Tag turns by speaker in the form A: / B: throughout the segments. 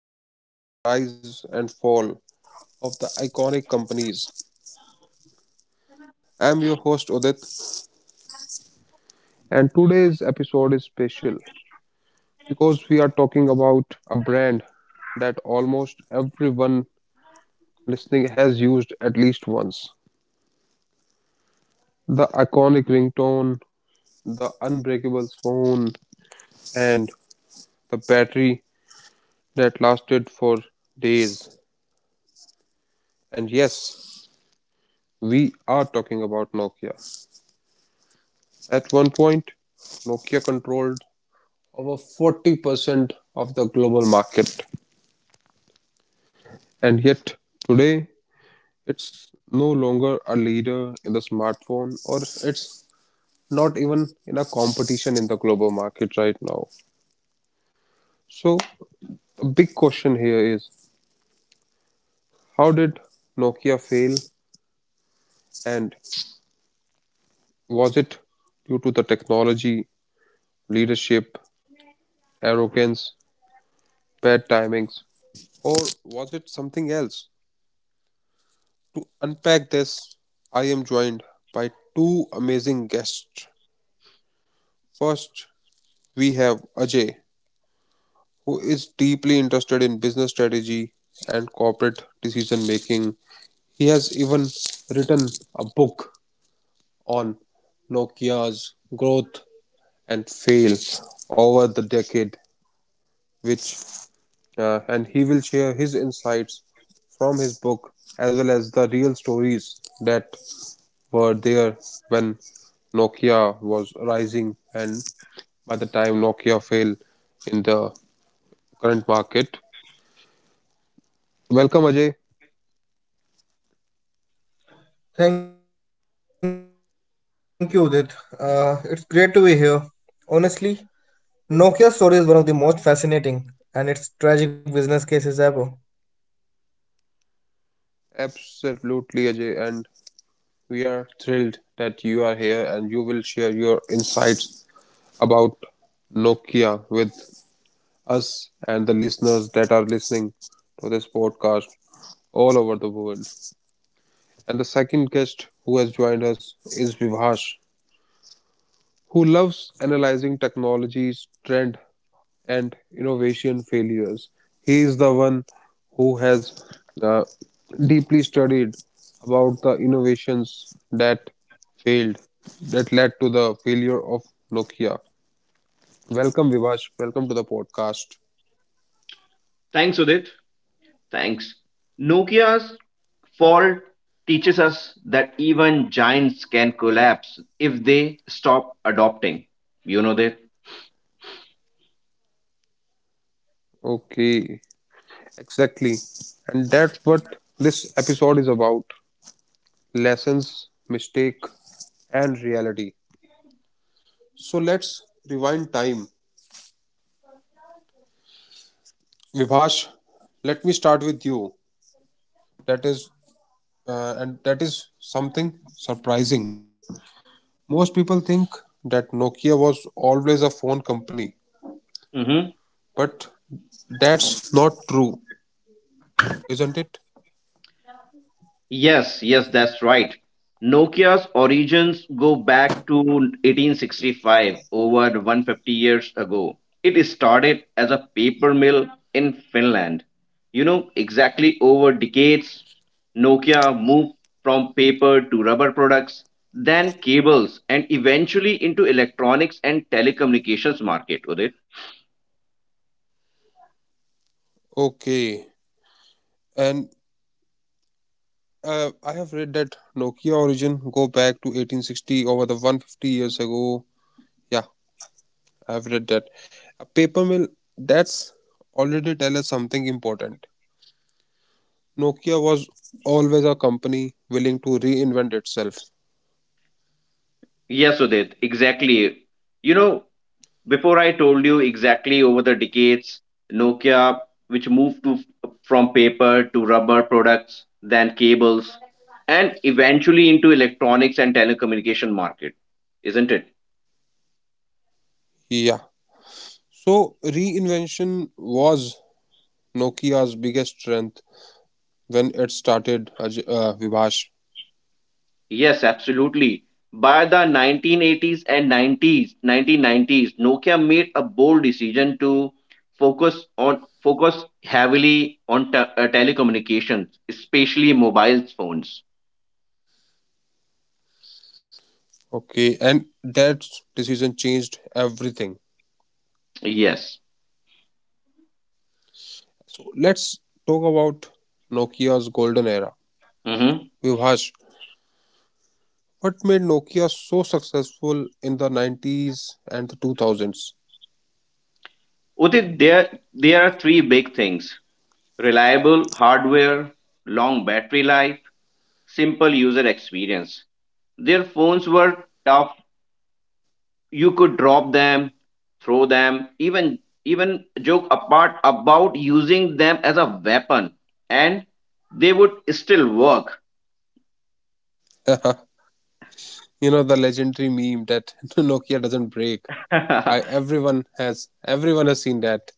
A: decode the rise and fall of the iconic companies. I'm your host, Udit, and today's episode is special because we are talking about a brand that almost everyone listening has used at least once: the iconic ringtone, the unbreakable phone, and the battery that lasted for days. And yes, we are talking about Nokia. At one point, Nokia controlled over 40% of the global market. And yet, today, it's no longer a leader in the smartphone, or it's not even in a competition in the global market right now. So, a big question here is how did Nokia fail, and was it due to the technology leadership arrogance, bad timings, or was it something else? To unpack this, I am joined by two amazing guests. First, we have Ajay, who is deeply interested in business strategy and corporate decision making. He has even written a book on Nokia's growth and fail over the decade, which and he will share his insights from his book as well as the real stories that were there when Nokia was rising and by the time Nokia failed in the current market. Welcome, Ajay. Absolutely, Ajay, and we are thrilled that you are here and you will share your insights about Nokia with us and the listeners that are listening to this podcast all over the world. And the second guest who has joined us is Vivash, who loves analyzing technologies, trend, and innovation failures. He is the one who has uh, deeply studied about the innovations that failed, that led to the failure of Nokia. Welcome, Vivash. Welcome to the podcast.
B: Thanks, Udit. Thanks. Nokia's fall teaches us that even giants can collapse if they stop adopting. You know that.
A: Okay. Exactly. And that's what this episode is about: lessons, mistake, and reality. So let's rewind time. Vivash, let me start with you. That is, and that is something surprising. Most people think that Nokia was always a phone company,
B: Mhm.
A: but that's not true, isn't it?
B: Yes, that's right. Nokia's origins go back to 1865, over 150 years ago. It started as a paper mill in Finland. Exactly, over decades, Nokia moved from paper to rubber products, then cables, and eventually into electronics and telecommunications market, Udit.
A: Okay. And I have read that Nokia origin go back to 1860, over the 150 years ago. Yeah, I have read that. A paper mill, that's already tell us something important. Nokia was always a company willing to reinvent itself.
B: Yes, Udit, exactly. You know, Before I told you exactly, over the decades, Nokia, which moved to, from paper to rubber products, then cables, and eventually into electronics and telecommunication market, isn't it?
A: Yeah. So reinvention was Nokia's biggest strength when it started, Vivash.
B: Yes, absolutely. By the 1980s and 90s, 1990s, Nokia made a bold decision to focus heavily on telecommunications, especially mobile phones.
A: Okay, and that decision changed everything.
B: Yes.
A: So let's talk about Nokia's golden era.
B: Mm-hmm.
A: Vibhash, what made Nokia so successful in the 90s and the 2000s?
B: Udit, there are three big things: reliable hardware, long battery life, simple user experience. Their phones were tough. You could drop them, throw them, even joke apart about using them as a weapon, and they would still work.
A: You know the legendary meme that Nokia doesn't break. I everyone has seen that.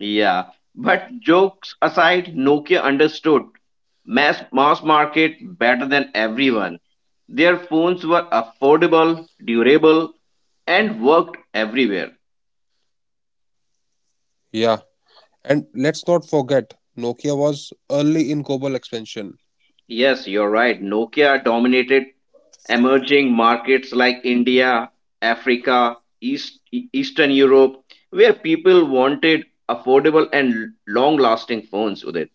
B: Yeah, but jokes aside, Nokia understood mass market better than everyone. Their phones were affordable, durable, and worked everywhere.
A: Yeah. And let's not forget, Nokia was early in global expansion.
B: Yes, you're right. Nokia dominated emerging markets like India, Africa, Eastern Europe, where people wanted affordable and long lasting phones. Uday.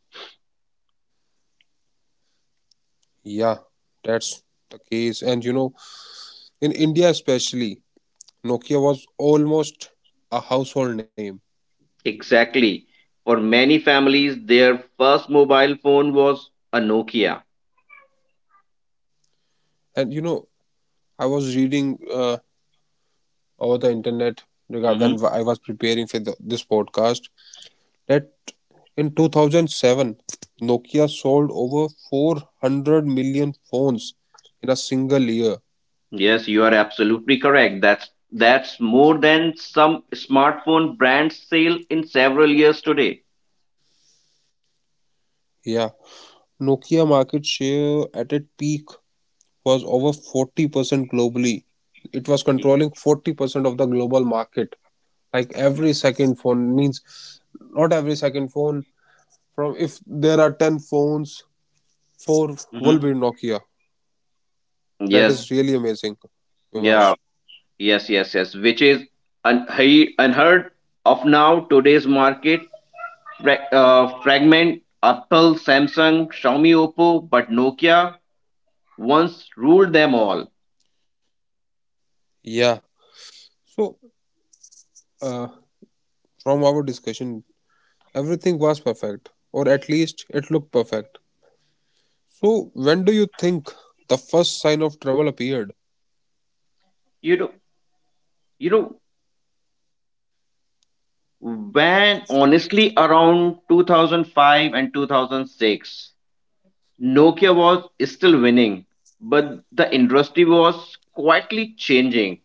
A: Yeah, that's the case. And you know, in India especially, Nokia was almost a household name.
B: Exactly. For many families, their first mobile phone was a Nokia.
A: And you know, I was reading over the internet when
B: Hmm.
A: I was preparing for this podcast that in 2007 Nokia sold over 400 million phones in a single year.
B: Yes, you are absolutely correct. That's more than some smartphone brands sell in several years today.
A: Yeah, Nokia market share at its peak was over 40% globally. It was controlling 40% of the global market. Like, every second phone, means not every second phone, from if there are 10 phones, 4 will be
B: Hmm.
A: Nokia. That
B: Yes,
A: is really amazing, Vivash.
B: yeah, yes. Which is unheard of now. Today's market fragment Apple, Samsung, Xiaomi, Oppo, but Nokia once ruled them all.
A: Yeah. So, uh, from our discussion, everything was perfect, or at least it looked perfect. So, when do you think the first sign of trouble appeared?
B: You know, you know When honestly around 2005 and 2006, Nokia was still winning, but the industry was quietly changing.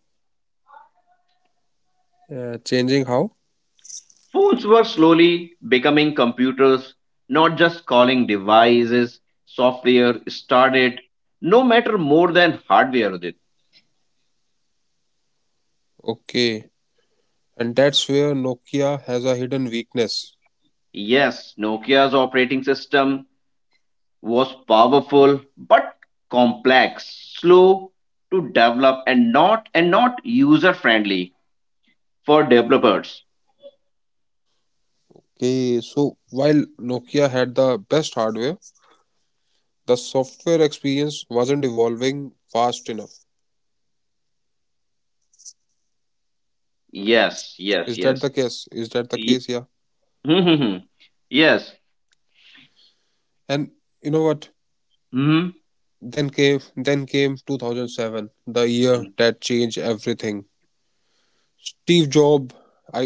A: Changing how?
B: Phones were slowly becoming computers, not just calling devices. Software started no matter more than hardware. Udit.
A: Okay. And that's where Nokia has a hidden weakness.
B: Yes, Nokia's operating system was powerful but complex, slow to develop and not user friendly for developers.
A: Okay, so while Nokia had the best hardware, the software experience wasn't evolving fast enough.
B: Yes,
A: Is
B: yes,
A: that
B: yes.
A: the case? Is that the
B: Ye-
A: case? Yeah.
B: yes.
A: And you know what?
B: Hmm.
A: Then came 2007, the year
B: Hmm.
A: that changed everything. Steve Jobs, I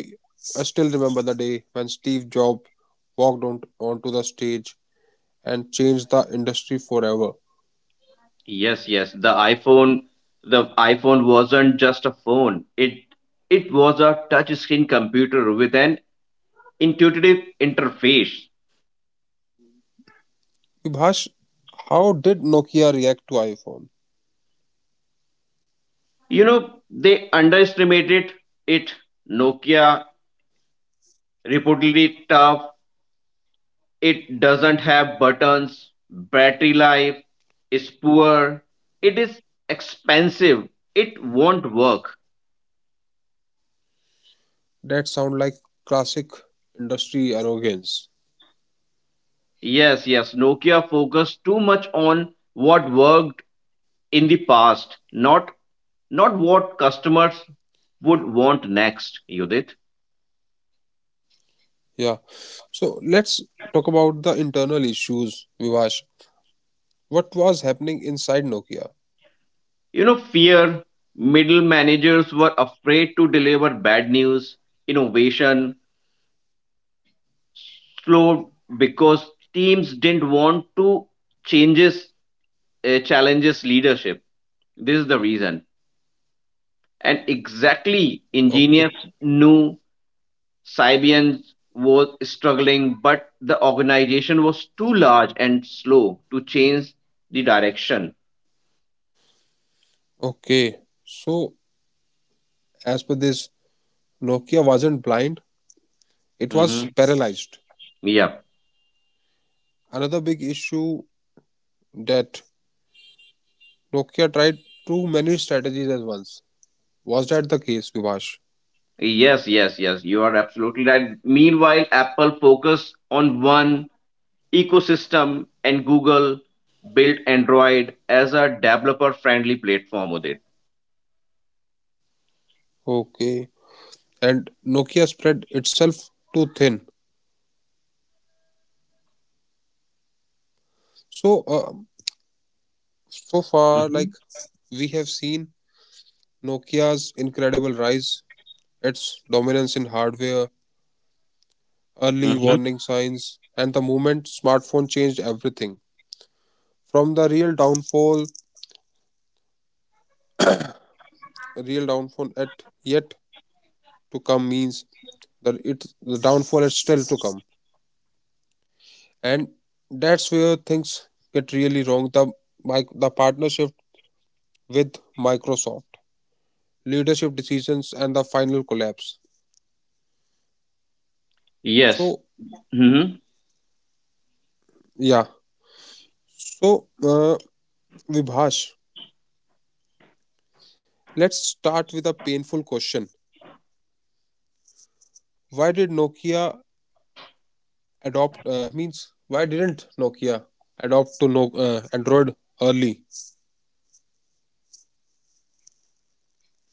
A: I still remember the day when Steve Jobs walked on, onto the stage and changed the industry forever.
B: Yes. The iPhone wasn't just a phone. It was a touchscreen computer with an intuitive interface.
A: Vibhash, how did Nokia react to iPhone?
B: You know, they underestimated it. Nokia reportedly tough. It doesn't have buttons. Battery life is poor. It is expensive. It won't work.
A: That sound like classic industry arrogance.
B: Yes. Nokia focused too much on what worked in the past, not what customers would want next, Judith.
A: Yeah. So let's talk about the internal issues, Vibhash. What was happening inside Nokia?
B: You know, fear, middle managers were afraid to deliver bad news, innovation slowed because teams didn't want to changes challenges leadership. This is the reason. And exactly,
A: Okay.
B: engineers knew Sibian was struggling, but the organization was too large and slow to change the direction.
A: Okay. So as per this, Nokia wasn't blind, it
B: Hmm.
A: was paralyzed.
B: Yeah.
A: Another big issue that Nokia tried too many strategies at once. Was that the case, Vivash?
B: Yes. You are absolutely right. Meanwhile, Apple focused on one ecosystem and Google built Android as a developer friendly platform with it.
A: Okay. And Nokia spread itself too thin. So, so far, like,
B: Mm-hmm.
A: we have seen Nokia's incredible rise, its dominance in hardware, early
B: Mm-hmm.
A: warning signs, and the moment smartphone changed everything. From the real downfall at yet to come, means that it the downfall is still to come, and that's where things get really wrong: the partnership with Microsoft, leadership decisions, and the final collapse.
B: Yes.
A: So
B: Mm-hmm.
A: yeah, so uh, Vibhash, let's start with a painful question. Why did Nokia adopt, means why didn't Nokia adopt to no, Android early?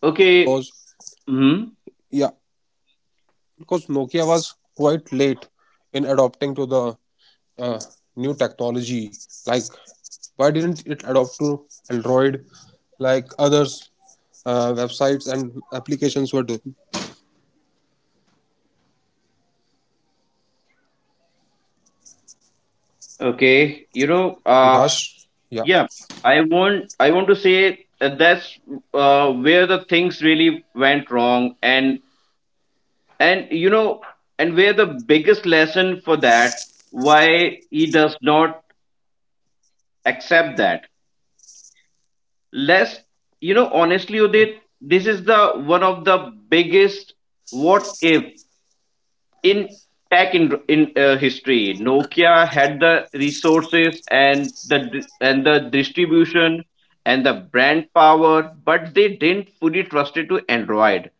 B: Okay.
A: Because,
B: Mm-hmm.
A: yeah, because Nokia was quite late in adopting to the uh, new technology. Like, why didn't it adopt to Android like others websites and applications were doing?
B: Okay.
A: Vivash, yeah.
B: Yeah, I want to say that's where the things really went wrong, and you know, and where the biggest lesson for that why he does not accept that. Less, honestly,
A: Oh.
B: Udit, this is the one of the biggest what if in tech in history. Nokia had the resources and the distribution and the brand power, but they didn't fully trust it to Android.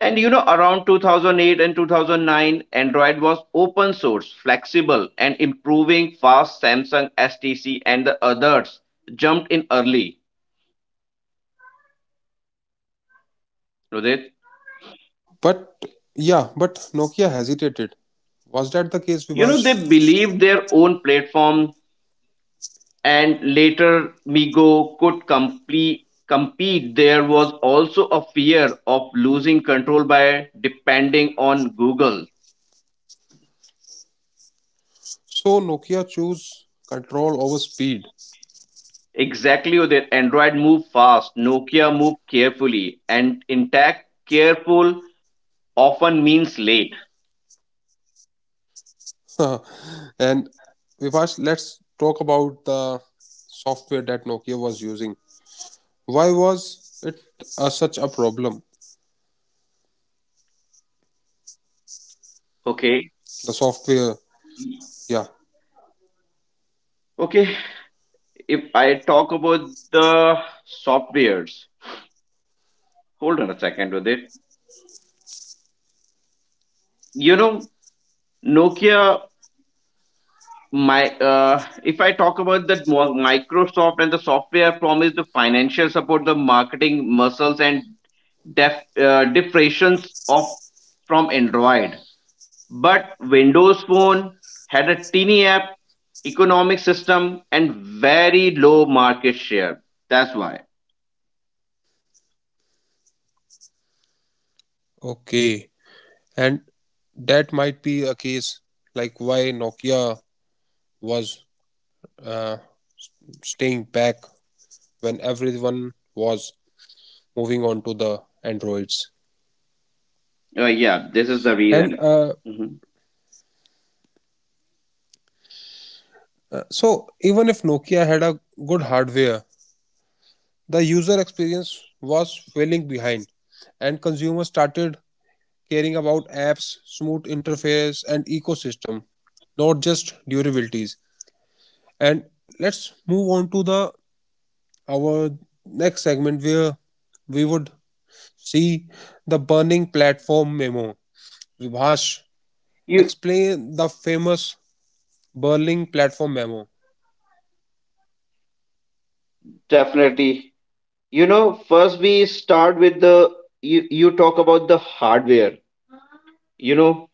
B: And you know, around 2008 and 2009, Android was open source, flexible and improving fast. Samsung, STC and the others jumped in early, Rodit.
A: But yeah, but Nokia hesitated. Was that the case,
B: You know,
A: Vivash?
B: they believed their own platform and later Migo could compete. There was also a fear of losing control by depending on Google.
A: So Nokia chose control over speed.
B: Exactly, Udit. Android moved fast, Nokia moved carefully, and intact careful often means late.
A: And Vivash, let's talk about the software that Nokia was using. Why was it such a problem?
B: Okay.
A: The software, yeah.
B: Okay. If I talk about the softwares, hold on a second with it. You know, Nokia my if I talk about that microsoft and the software promise, the financial support, the marketing muscles and def, diffrations of from Android, but Windows phone had a teeny app economic system and very low market share. That's why,
A: Okay, and that might be a case like why Nokia was uh, staying back when everyone was moving on to the Androids.
B: yeah, this is the
A: And
B: reason. Mhm.
A: so, even if Nokia had a good hardware, the user experience was falling behind, and consumers started caring about apps, smooth interface, and ecosystem, not just durabilities. And let's move on to the our next segment where we would see the burning platform memo. Vibhash,
B: You
A: explain the famous burning platform memo.
B: definitely, you know, first we start with you talk about the hardware. You know,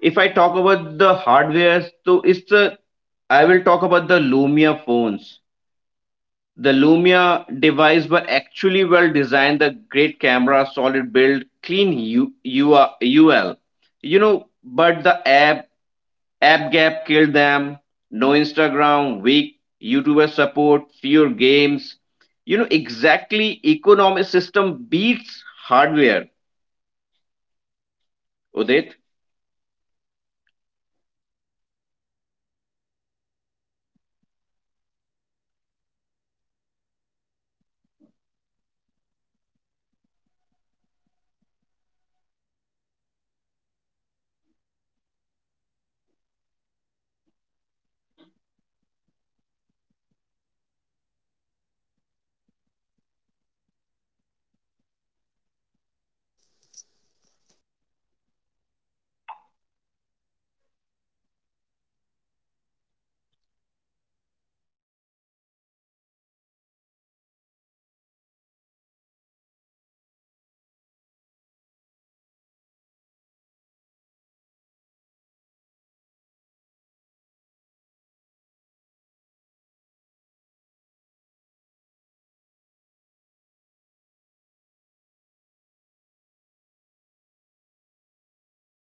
B: if I talk about the hardware, so it's a I will talk about the Lumia phones. The Lumia device were actually well designed, the great camera, solid build, clean UL. You know, but the app gap killed them. No Instagram, weak YouTuber support, fewer games. You know, exactly, economic system beats hardware. Udit.